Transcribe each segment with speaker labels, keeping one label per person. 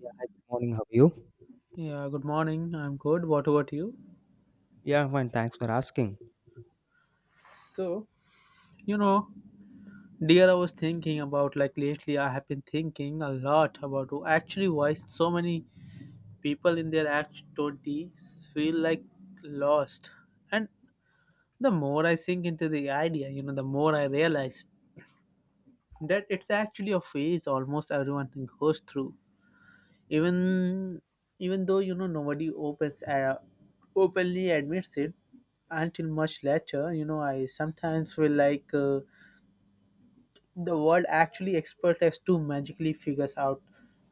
Speaker 1: Yeah, hi, good morning. How are you?
Speaker 2: Yeah, good morning. I'm good. What about you?
Speaker 1: Yeah, I'm fine. Thanks for asking.
Speaker 2: So, you know, dear, I was thinking about like lately, I have been thinking a lot about actually why so many people in their act 20s feel like lost. And the more I sink into the idea, the more I realize that it's actually a phase almost everyone goes through. even even though nobody opens openly admits it until much later. I sometimes feel like the world actually expert us to magically figures out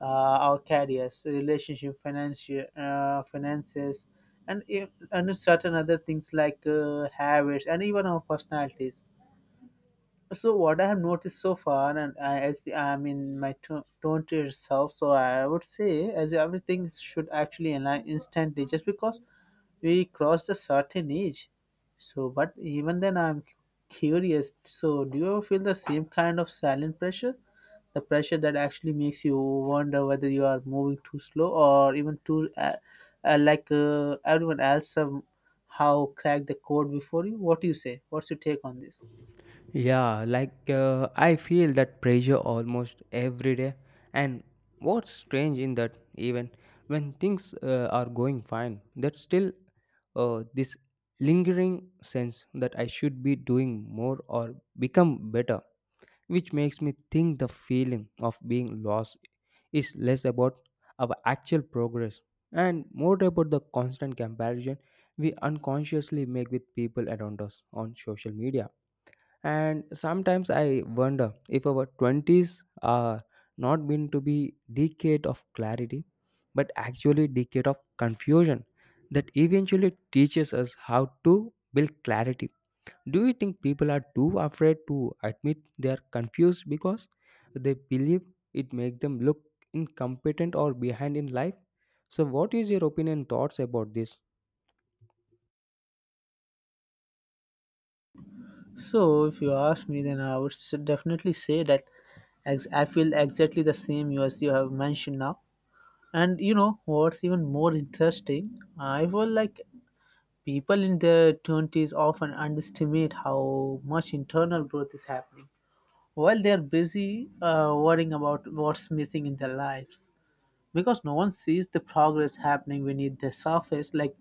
Speaker 2: our careers, relationship, financial, finances, and if, and certain other things like habits and even our personalities. So what I have noticed so far, as I'm in my 20 itself, so I would say as everything should actually align instantly, just because we crossed a certain age. But even then, I'm curious. So, do you feel the same kind of silent pressure, the pressure that actually makes you wonder whether you are moving too slow or even too, like everyone else, how cracked the code before you? What do you say? What's your take on this?
Speaker 1: Yeah, like I feel that pressure almost every day. And what's strange in that, even when things are going fine, there's still this lingering sense that I should be doing more or become better, which makes me think the feeling of being lost is less about our actual progress and more about the constant comparison we unconsciously make with people around us on social media. And sometimes I wonder if our 20s are not meant to be decade of clarity, but actually decade of confusion that eventually teaches us how to build clarity. Do you think people are too afraid to admit they are confused because they believe it makes them look incompetent or behind in life? So, what is your opinion and thoughts about this?
Speaker 2: So, if you ask me, then I would definitely say that I feel exactly the same you as you have mentioned now. And you know what's even more interesting? I feel like people in their 20s often underestimate how much internal growth is happening while they're busy worrying about what's missing in their lives, because no one sees the progress happening beneath the surface, like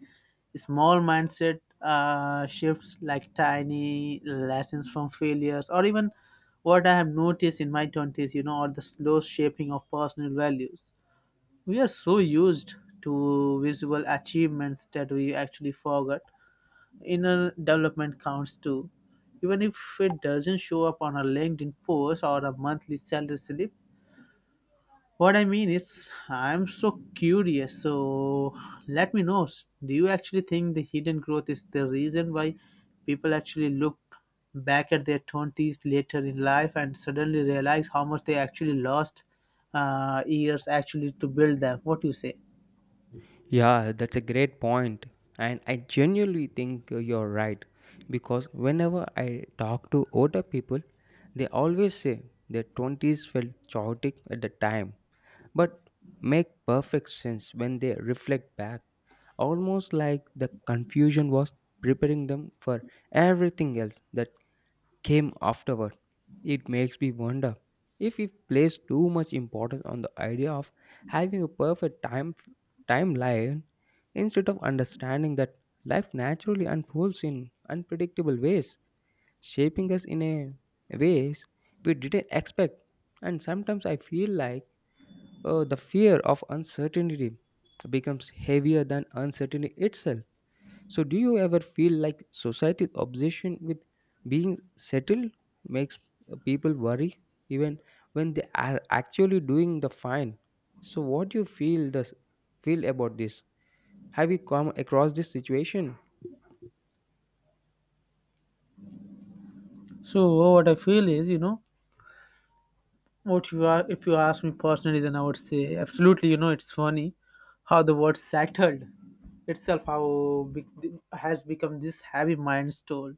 Speaker 2: small mindset shifts, like tiny lessons from failures, or even what I have noticed in my 20s, you know, or the slow shaping of personal values. We are so used to visual achievements that we actually forgot inner development counts too, even if it doesn't show up on a LinkedIn post or a monthly salary slip. What I mean is, I'm so curious. So let me know. Do you actually think the hidden growth is the reason why people actually look back at their 20s later in life and suddenly realize how much they actually lost years actually to build them? What do you say?
Speaker 1: Yeah, that's a great point, and I genuinely think you're right because whenever I talk to older people, they always say their 20s felt chaotic at the time but make perfect sense when they reflect back, almost like the confusion was preparing them for everything else that came afterward. It makes me wonder if we place too much importance on the idea of having a perfect timeline instead of understanding that life naturally unfolds in unpredictable ways, shaping us in a ways we didn't expect. And sometimes I feel like the fear of uncertainty becomes heavier than uncertainty itself. So, do you ever feel like society's obsession with being settled makes people worry even when they are actually doing the fine? So, what do you feel about this? Have you come across this situation?
Speaker 2: So what I feel is, if you ask me personally, then I would say absolutely. You know, it's funny how the word settled itself, has become this heavy mind toll.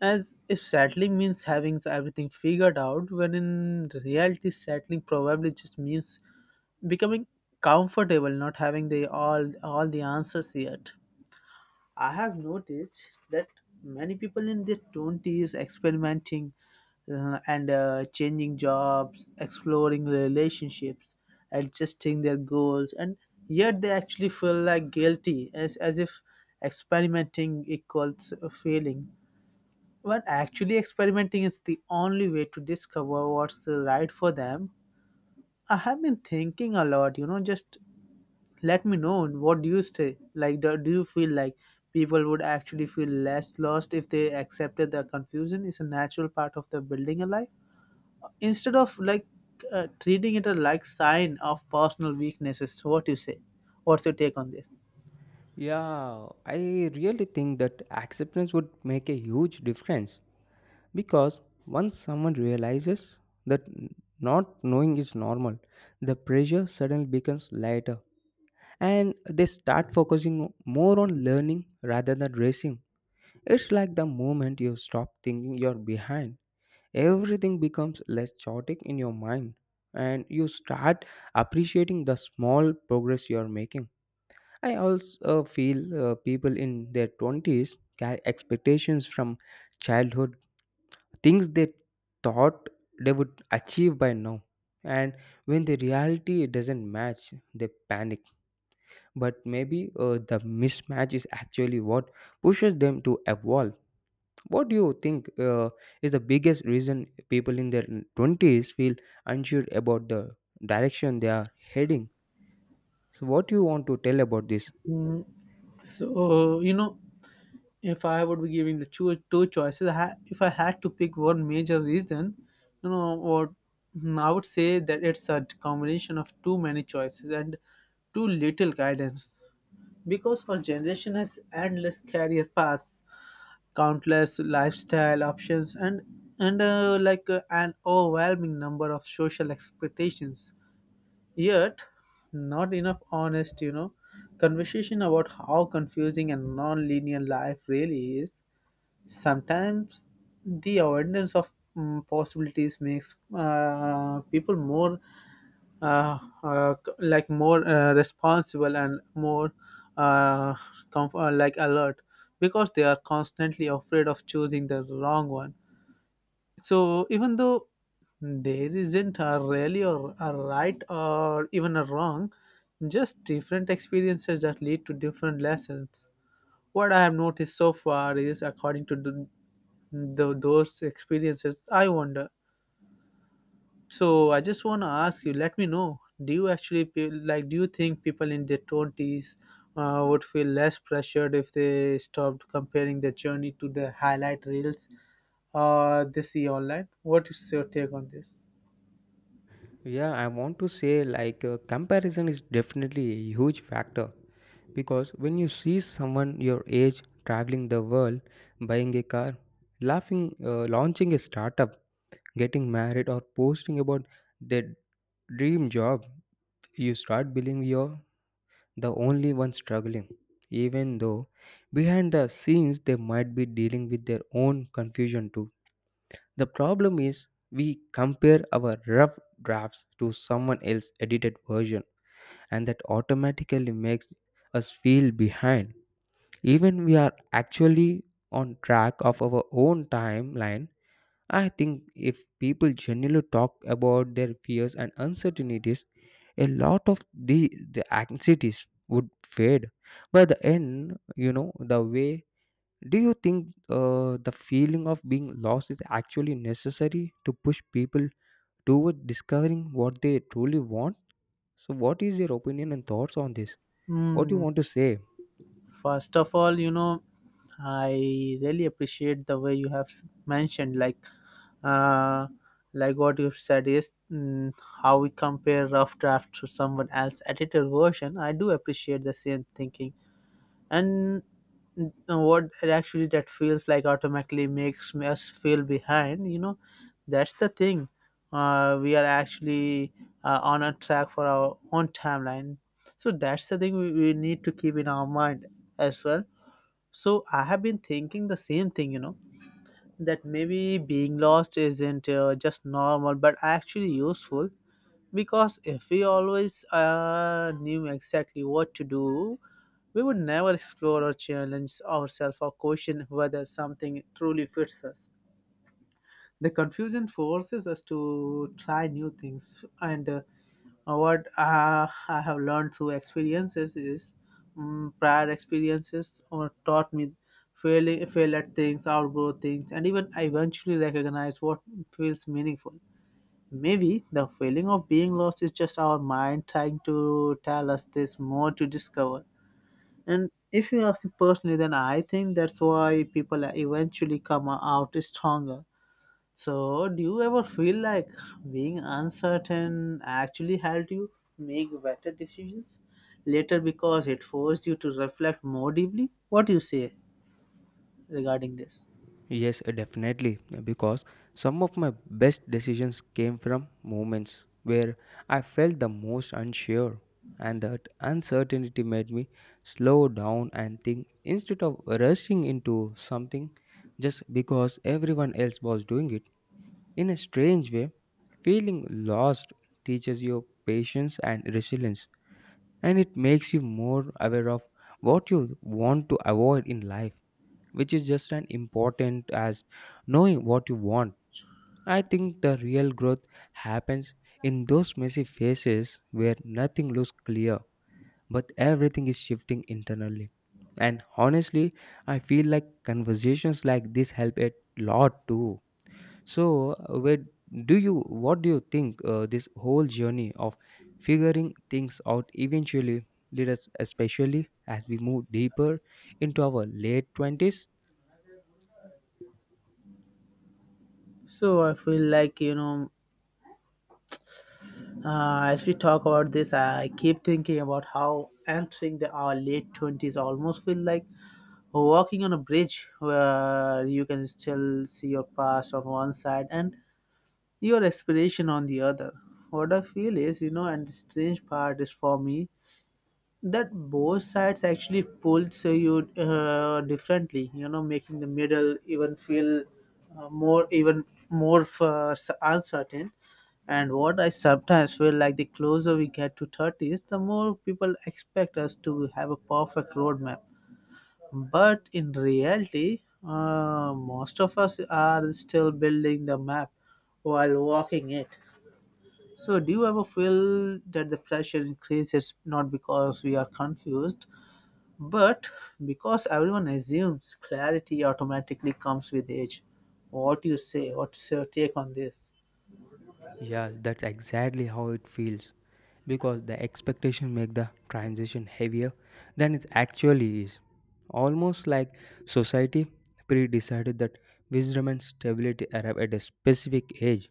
Speaker 2: As if settling means having everything figured out, when in reality, settling probably just means becoming comfortable, not having the all the answers yet. I have noticed that many people in their twenties experimenting and changing jobs, exploring relationships, adjusting their goals, and yet they actually feel like guilty, as if experimenting equals failing, when actually experimenting is the only way to discover what's right for them. I have been thinking a lot, you know, just let me know what do you say? Like, do you feel like people would actually feel less lost if they accepted that confusion is a natural part of the building a life? Instead of treating it a like sign of personal weaknesses, what do you say? What's your take on this?
Speaker 1: Yeah, I really think that acceptance would make a huge difference, because once someone realizes that not knowing is normal, the pressure suddenly becomes lighter and they start focusing more on learning rather than racing. It's like the moment you stop thinking you're behind, everything becomes less chaotic in your mind and you start appreciating the small progress you're making. I also feel people in their 20s carry expectations from childhood, things they thought they would achieve by now. And when the reality doesn't match, they panic. But maybe the mismatch is actually what pushes them to evolve. What do you think is the biggest reason people in their 20s feel unsure about the direction they are heading? So, what do you want to tell about this?
Speaker 2: Mm, so you know, if I would be giving the two choices, if I had to pick one major reason, you know, what I would say that it's a combination of too many choices and too little guidance. Because our generation has endless career paths, countless lifestyle options, and an overwhelming number of social expectations. Yet, not enough honest, you know, conversation about how confusing and non-linear life really is. Sometimes the avoidance of possibilities makes people more more responsible and more uh, alert, because they are constantly afraid of choosing the wrong one. So even though there isn't a really or a right or even a wrong, just different experiences that lead to different lessons. What I have noticed so far is according to those experiences, I wonder. So I just want to ask you, let me know, do you actually feel like, do you think people in their 20s would feel less pressured if they stopped comparing their journey to the highlight reels they see online. What is your take on this?
Speaker 1: Yeah, I want to say like comparison is definitely a huge factor because when you see someone your age traveling the world, buying a car, laughing, launching a startup, getting married, or posting about their dream job, you start believing you're the only one struggling, even though behind the scenes they might be dealing with their own confusion too. The problem is we compare our rough drafts to someone else's edited version and that automatically makes us feel behind even we are actually on track of our own timeline. I think if people genuinely talk about their fears and uncertainties, a lot of the the anxieties would fade by the end, you know, the way. Do you think the feeling of being lost is actually necessary to push people toward discovering what they truly want? So what is your opinion and thoughts on this? What do you
Speaker 2: Hmm.
Speaker 1: want to say?
Speaker 2: First of all, you know, I really appreciate the way you have mentioned, uh, what you've said is, how we compare rough draft to someone else's edited version. I do appreciate the same thinking, and what that actually that feels like automatically makes us feel behind, you know, that's the thing. We are actually on a track for our own timeline. So that's the thing we need to keep in our mind as well. So I have been thinking the same thing, you know, that maybe being lost isn't just normal but actually useful. Because if we always knew exactly what to do, we would never explore or challenge ourselves or question whether something truly fits us. The confusion forces us to try new things, and what I have learned through experiences is, prior experiences or taught me failing, fail at things, outgrow things, and even I eventually recognize what feels meaningful. Maybe the feeling of being lost is just our mind trying to tell us there's more to discover. And if you ask me personally, then I think that's why people eventually come out stronger. So, do you ever feel like being uncertain actually helped you make better decisions later because it forced you to reflect more deeply? What do you say regarding this?
Speaker 1: Yes, definitely. Because some of my best decisions came from moments where I felt the most unsure, and that uncertainty made me slow down and think instead of rushing into something just because everyone else was doing it. In a strange way, feeling lost teaches you patience and resilience, and it makes you more aware of what you want to avoid in life, which is just as important as knowing what you want. I think the real growth happens in those messy phases where nothing looks clear but everything is shifting internally. And honestly, I feel like conversations like this help a lot too. So, where do you what do you think this whole journey of figuring things out eventually lead us, especially as we move deeper into our late 20s?
Speaker 2: So, I feel like, you know, as we talk about this, I keep thinking about how entering the our late 20s almost feel like walking on a bridge where you can still see your past on one side and your aspiration on the other. What I feel is, you know, and the strange part is for me that both sides actually pulls you differently, you know, making the middle even feel uh, more even more uncertain. And what I sometimes feel like, the closer we get to 30s, the more people expect us to have a perfect roadmap. But in reality, most of us are still building the map while walking it. So do you ever feel that the pressure increases not because we are confused but because everyone assumes clarity automatically comes with age? What do you say? What's your take on this?
Speaker 1: Yeah, that's exactly how it feels because the expectation make the transition heavier than it actually is. Almost like society pre-decided that wisdom and stability arrive at a specific age.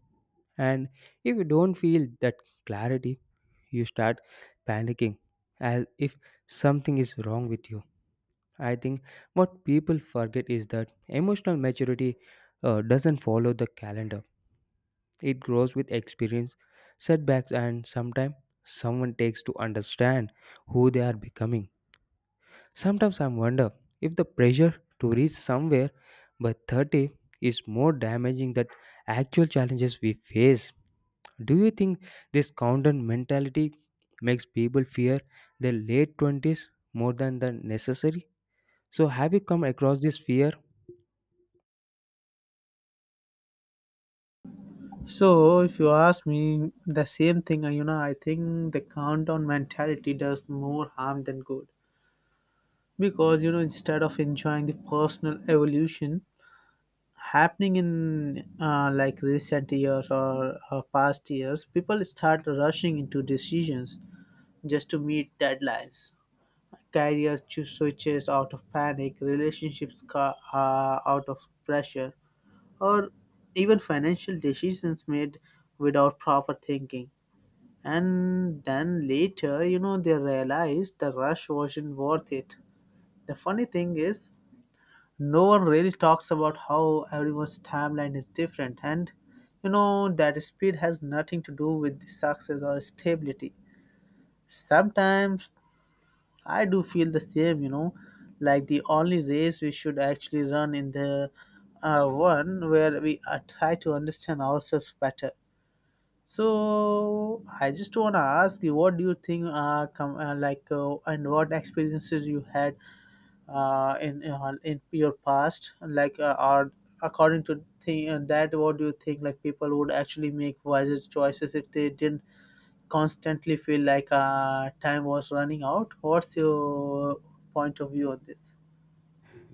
Speaker 1: And if you don't feel that clarity, you start panicking as if something is wrong with you. I think what people forget is that emotional maturity doesn't follow the calendar. It grows with experience, setbacks, and sometimes someone takes to understand who they are becoming. Sometimes I wonder if the pressure to reach somewhere by 30 is more damaging than actual challenges we face. Do you think this counter mentality makes people fear their late 20s more than the necessary? So, have you come across this fear?
Speaker 2: So, if you ask me the same thing, you know, I think the countdown mentality does more harm than good. Because, you know, instead of enjoying the personal evolution happening in recent years or past years, people start rushing into decisions just to meet deadlines. Career switches out of panic, relationships out of pressure, or even financial decisions made without proper thinking. And then later, you know, they realize the rush wasn't worth it. The funny thing is, no one really talks about how everyone's timeline is different, and you know, that speed has nothing to do with the success or stability. Sometimes I do feel the same, you know, like the only race we should actually run in the one where we try to understand ourselves better. So I just want to ask you, what do you think? And what experiences you had in in your past? Like, or according to thi- that, what do you think? Like, people would actually make wiser choices if they didn't constantly feel like time was running out. What's your point of view on this?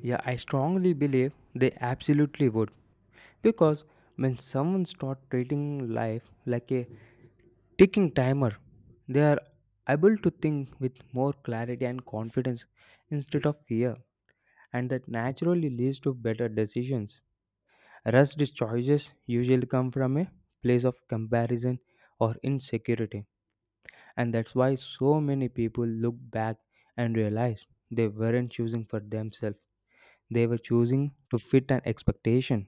Speaker 1: Yeah, I strongly believe they absolutely would. Because when someone starts treating life like a ticking timer, they are able to think with more clarity and confidence instead of fear, and that naturally leads to better decisions. Rushed choices usually come from a place of comparison or insecurity, and that's why so many people look back and realize they weren't choosing for themselves, they were choosing to fit an expectation.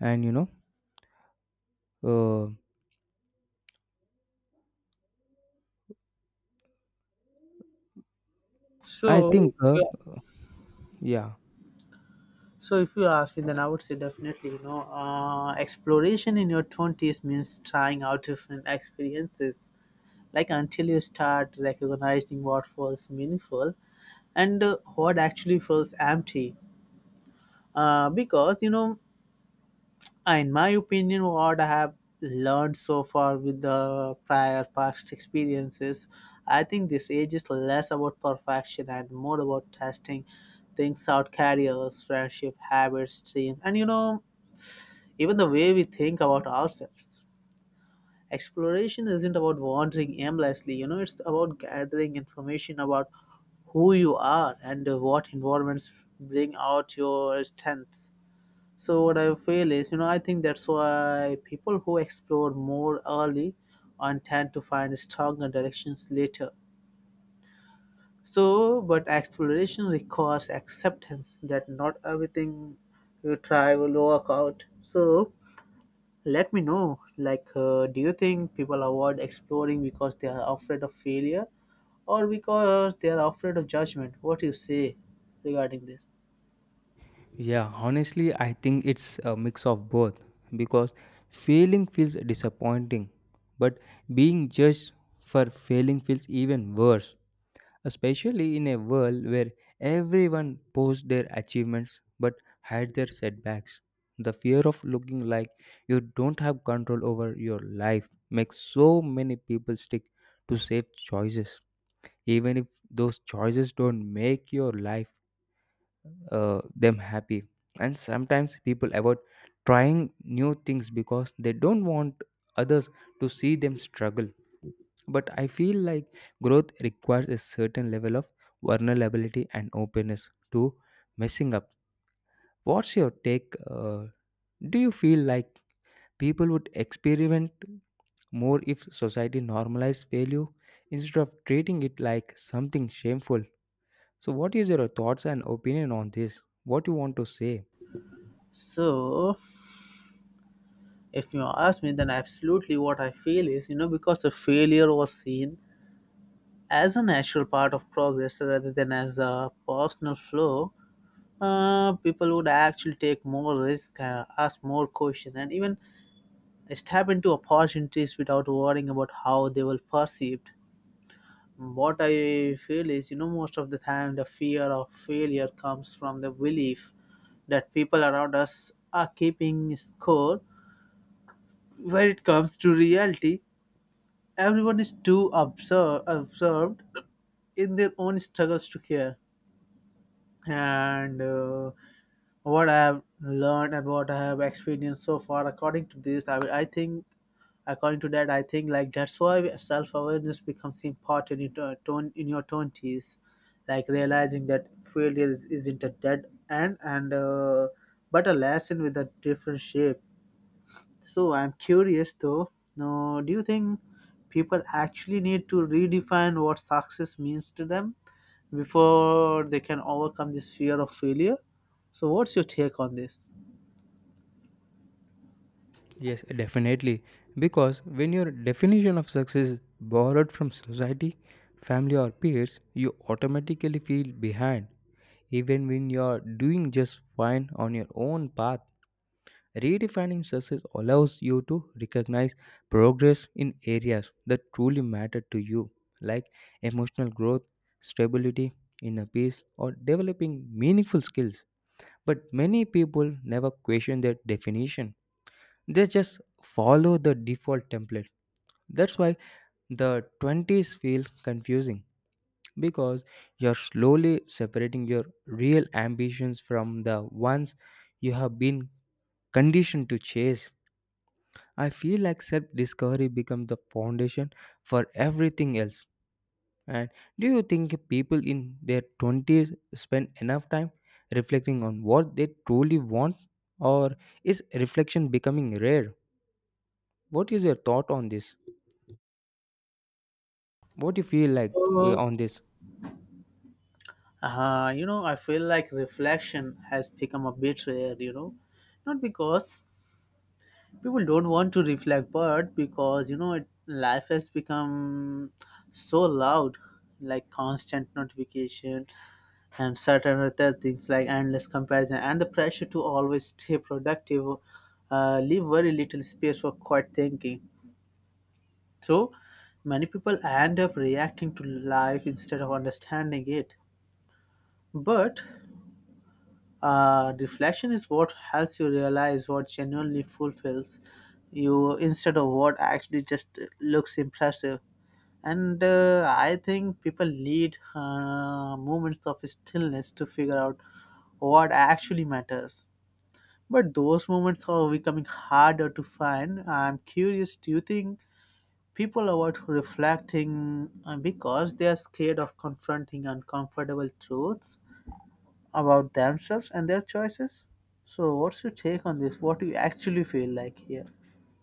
Speaker 1: And you know, uh, I think,
Speaker 2: So, yeah.
Speaker 1: yeah,
Speaker 2: So if you ask me, then I would say definitely, you know, exploration in your twenties means trying out different experiences, like until you start recognizing what feels meaningful and what actually feels empty. Because you know In my opinion, what I have learned so far with the prior past experiences, I think this age is less about perfection and more about testing things out: careers, friendship, habits, dreams, and you know, even the way we think about ourselves. Exploration isn't about wandering aimlessly, you know, it's about gathering information about who you are and what environments bring out your strengths. So what I feel is, you know, I think that's why people who explore more early on tend to find stronger directions later. So, but exploration requires acceptance that not everything you try will work out. So, let me know. Do you think people avoid exploring because they are afraid of failure, or because they are afraid of judgment? What do you say regarding this?
Speaker 1: yeah, honestly, I think it's a mix of both because failing feels disappointing, but being judged for failing feels even worse, especially in a world where everyone posts their achievements but hide their setbacks. The fear of looking like you don't have control over your life makes so many people stick to safe choices even if those choices don't make your life them happy. And sometimes people avoid trying new things because they don't want others to see them struggle, but I feel like growth requires a certain level of vulnerability and openness to messing up. What's your take do you feel like people would experiment more if society normalized failure instead of treating it like something shameful? So, what is your thoughts and opinion on this? What you want to say?
Speaker 2: So, if you ask me, then absolutely what I feel is, you know, because the failure was seen as a natural part of progress rather than as a personal flaw, people would actually take more risk, ask more questions, and even step into opportunities without worrying about how they were perceived. What I feel is, you know, most of the time the fear of failure comes from the belief that people around us are keeping score. When it comes to reality, everyone is too observed in their own struggles to care. And What I have learned and what I have experienced so far, according to this, I think, according to that, I think like that's why self awareness becomes important in your 20s. Like realizing that failure isn't a dead end and but a lesson with a different shape. So I'm curious though, now, do you think people actually need to redefine what success means to them before they can overcome this fear of failure? So what's your take on this?
Speaker 1: Yes, definitely. Because when your definition of success is borrowed from society, family, or peers, you automatically feel behind, even when you are doing just fine on your own path. Redefining success allows you to recognize progress in areas that truly matter to you, like emotional growth, stability, inner peace, or developing meaningful skills. But many people never question their definition, they just follow the default template. That's why the 20s feel confusing because you're slowly separating your real ambitions from the ones you have been conditioned to chase. I feel like self discovery becomes the foundation for everything else. And do you think people in their 20s spend enough time reflecting on what they truly want? Or is reflection becoming rare? What is your thought on this? What do you feel like
Speaker 2: So,
Speaker 1: on this?
Speaker 2: you know, I feel like reflection has become a bit rare, you know, not because people don't want to reflect, but because, you know, life has become so loud, like constant notification and certain other things like endless comparison and the pressure to always stay productive leave very little space for quiet thinking. So many people end up reacting to life instead of understanding it. But reflection is what helps you realize what genuinely fulfills you instead of what actually just looks impressive. And I think people need moments of stillness to figure out what actually matters. But those moments are becoming harder to find. I'm curious, do you think people avoid reflecting because they are scared of confronting uncomfortable truths about themselves and their choices? So, what's your take on this? What do you actually feel like here?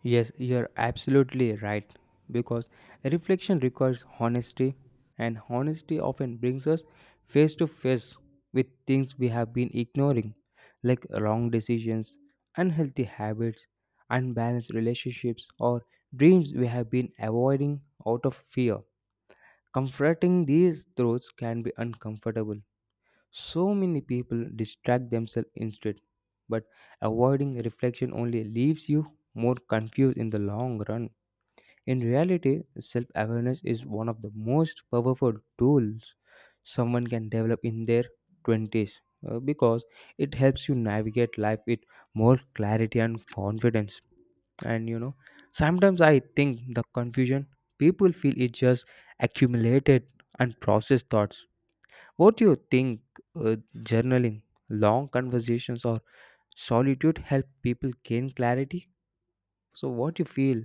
Speaker 1: Yes, you're absolutely right. Because reflection requires honesty, and honesty often brings us face to face with things we have been ignoring, like wrong decisions, unhealthy habits, unbalanced relationships, or dreams we have been avoiding out of fear. Confronting these truths can be uncomfortable, so many people distract themselves instead, but avoiding reflection only leaves you more confused in the long run. In reality, self awareness is one of the most powerful tools someone can develop in their 20s, because it helps you navigate life with more clarity and confidence. And you know, sometimes I think the confusion people feel is just accumulated unprocessed thoughts. What do you think uh, journaling, long conversations, or solitude help people gain clarity? So, what do you feel?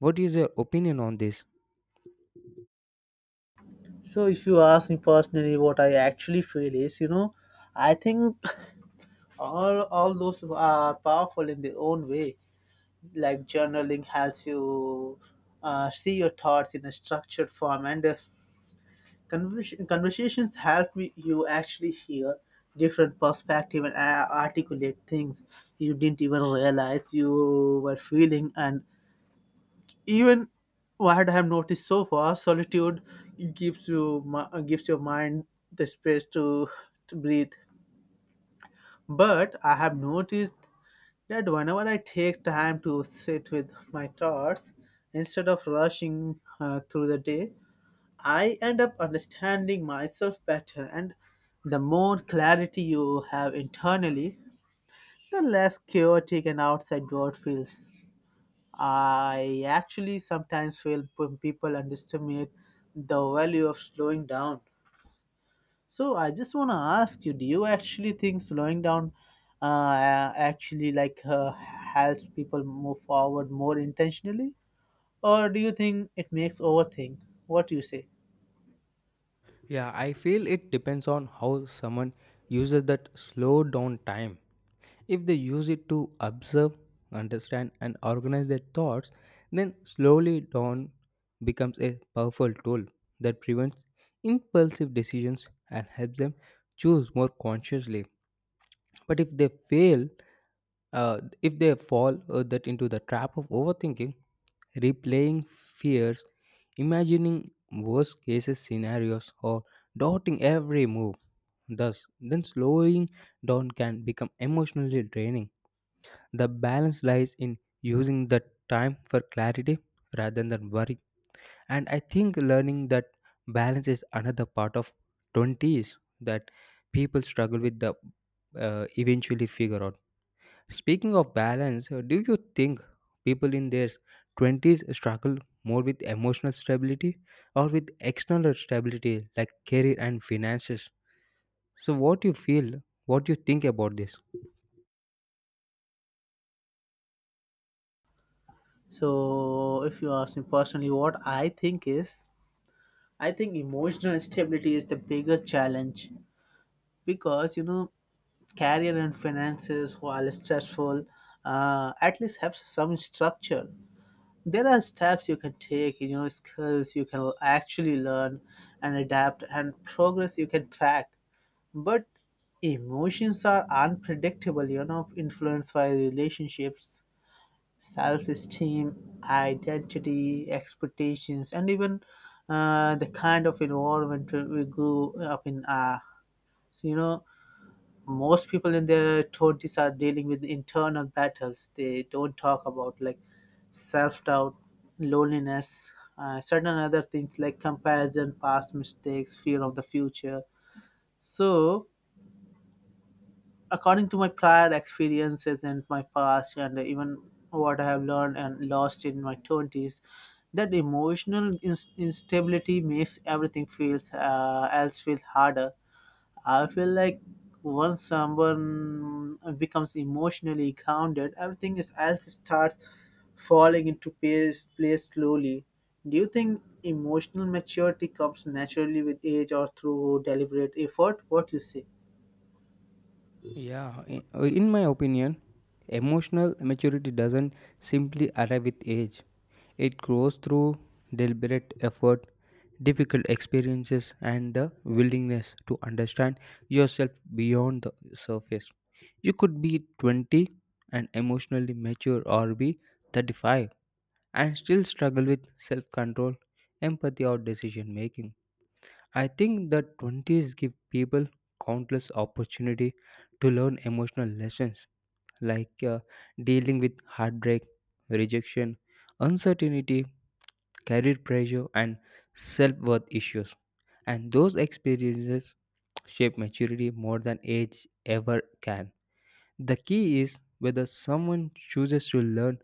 Speaker 1: What is your opinion on this?
Speaker 2: So, if you ask me personally, what I actually feel is, you know, I think all those are powerful in their own way. Like journaling helps you see your thoughts in a structured form, and conversations help me, you actually hear different perspective and articulate things you didn't even realize you were feeling, and even what I have noticed so far, solitude gives your mind the space to breathe. But I have noticed that whenever I take time to sit with my thoughts instead of rushing through the day, I end up understanding myself better. And the more clarity you have internally, the less chaotic an outside world feels. I actually sometimes feel people underestimate the value of slowing down. So I just want to ask you: do you actually think slowing down actually like helps people move forward more intentionally, or do you think it makes overthink? What do you say?
Speaker 1: Yeah, I feel it depends on how someone uses that slow down time. If they use it to observe, understand, and organize their thoughts, then slowly down becomes a powerful tool that prevents impulsive decisions and helps them choose more consciously. But if they fall that into the trap of overthinking, replaying fears, imagining worst cases scenarios or doubting every move, thus then slowing down can become emotionally draining. The balance lies in using the time for clarity rather than worry, and I think learning that balance is another part of 20s that people struggle with the eventually figure out. Speaking of balance, do you think people in their 20s struggle more with emotional stability or with external stability like career and finances? So what you feel, what you think about this?
Speaker 2: So if you ask me personally, what I think is, I think emotional stability is the bigger challenge because you know career and finances, while stressful, at least have some structure. There are steps you can take, you know, skills you can actually learn and adapt, and progress you can track. But emotions are unpredictable, you know, influenced by relationships, self esteem, identity, expectations, and even the kind of environment we grew up in. So, you know, most people in their 20s are dealing with internal battles they don't talk about, like self-doubt, loneliness, certain other things like comparison, past mistakes, fear of the future. So, according to my prior experiences and my past, and even what I have learned and lost in my 20s, that instability makes everything feels else feel harder. I feel like once someone becomes emotionally grounded, else starts falling into place slowly. Do you think emotional maturity comes naturally with age or through deliberate effort? What you say?
Speaker 1: Yeah, in my opinion, emotional maturity doesn't simply arrive with age. It grows through deliberate effort, difficult experiences, and the willingness to understand yourself beyond the surface. You could be 20 and emotionally mature, or be 35 and still struggle with self control, empathy, or decision making. I think the 20s give people countless opportunity to learn emotional lessons like dealing with heartbreak, rejection, uncertainty, career pressure and self-worth issues. And those experiences shape maturity more than age ever can. The key is whether someone chooses to learn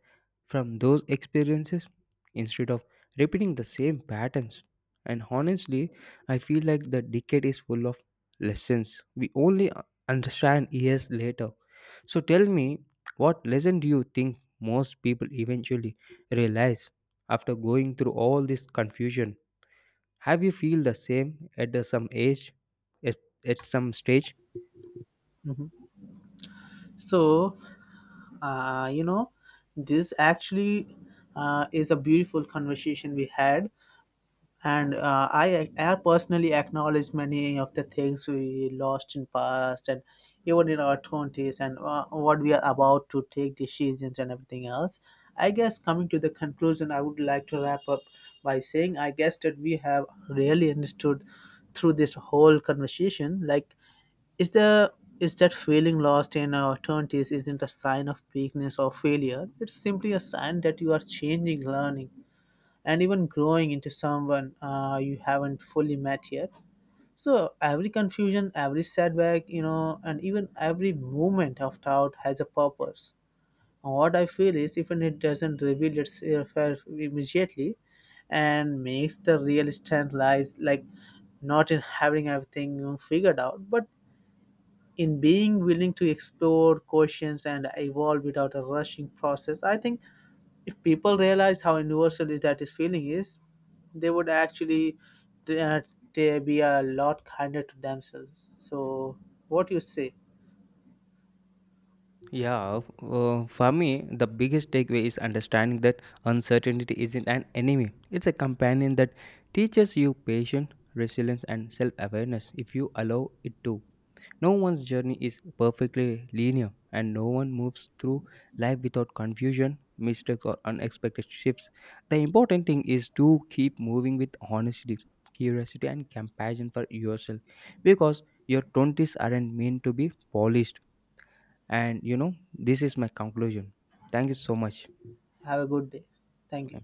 Speaker 1: from those experiences instead of repeating the same patterns. And honestly, I feel like the decade is full of lessons we only understand years later. So tell me, what lesson do you think most people eventually realize after going through all this confusion? Have you feel the same at some age, at, at some stage?
Speaker 2: Mhm. So, you know, this actually is a beautiful conversation we had. And I personally acknowledge many of the things we lost in past and even in our 20s, and what we are about to take decisions and everything else. I guess coming to the conclusion, I would like to wrap up by saying I guess that we have really understood through this whole conversation, like, is the is that feeling lost in our 20s isn't a sign of weakness or failure. It's simply a sign that you are changing, learning, and even growing into someone you haven't fully met yet. So every confusion, every setback, you know, and even every moment of doubt has a purpose. And what I feel is, even it doesn't reveal itself immediately, and makes the real strength lies, like, not in having everything figured out, but in being willing to explore questions and evolve without a rushing process. I think if people realized how universal is that this feeling is, they would actually uh, they be a lot kinder to themselves. So, what you say?
Speaker 1: Yeah, for me, the biggest takeaway is understanding that uncertainty isn't an enemy. It's a companion that teaches you patience, resilience, and self awareness if you allow it to. No one's journey is perfectly linear, and no one moves through life without confusion, mistakes, or unexpected shifts. The important thing is to keep moving with honesty, curiosity, and compassion for yourself because your 20s aren't meant to be polished. And you know, this is my conclusion. Thank you so much.
Speaker 2: Have a good day. Thank you.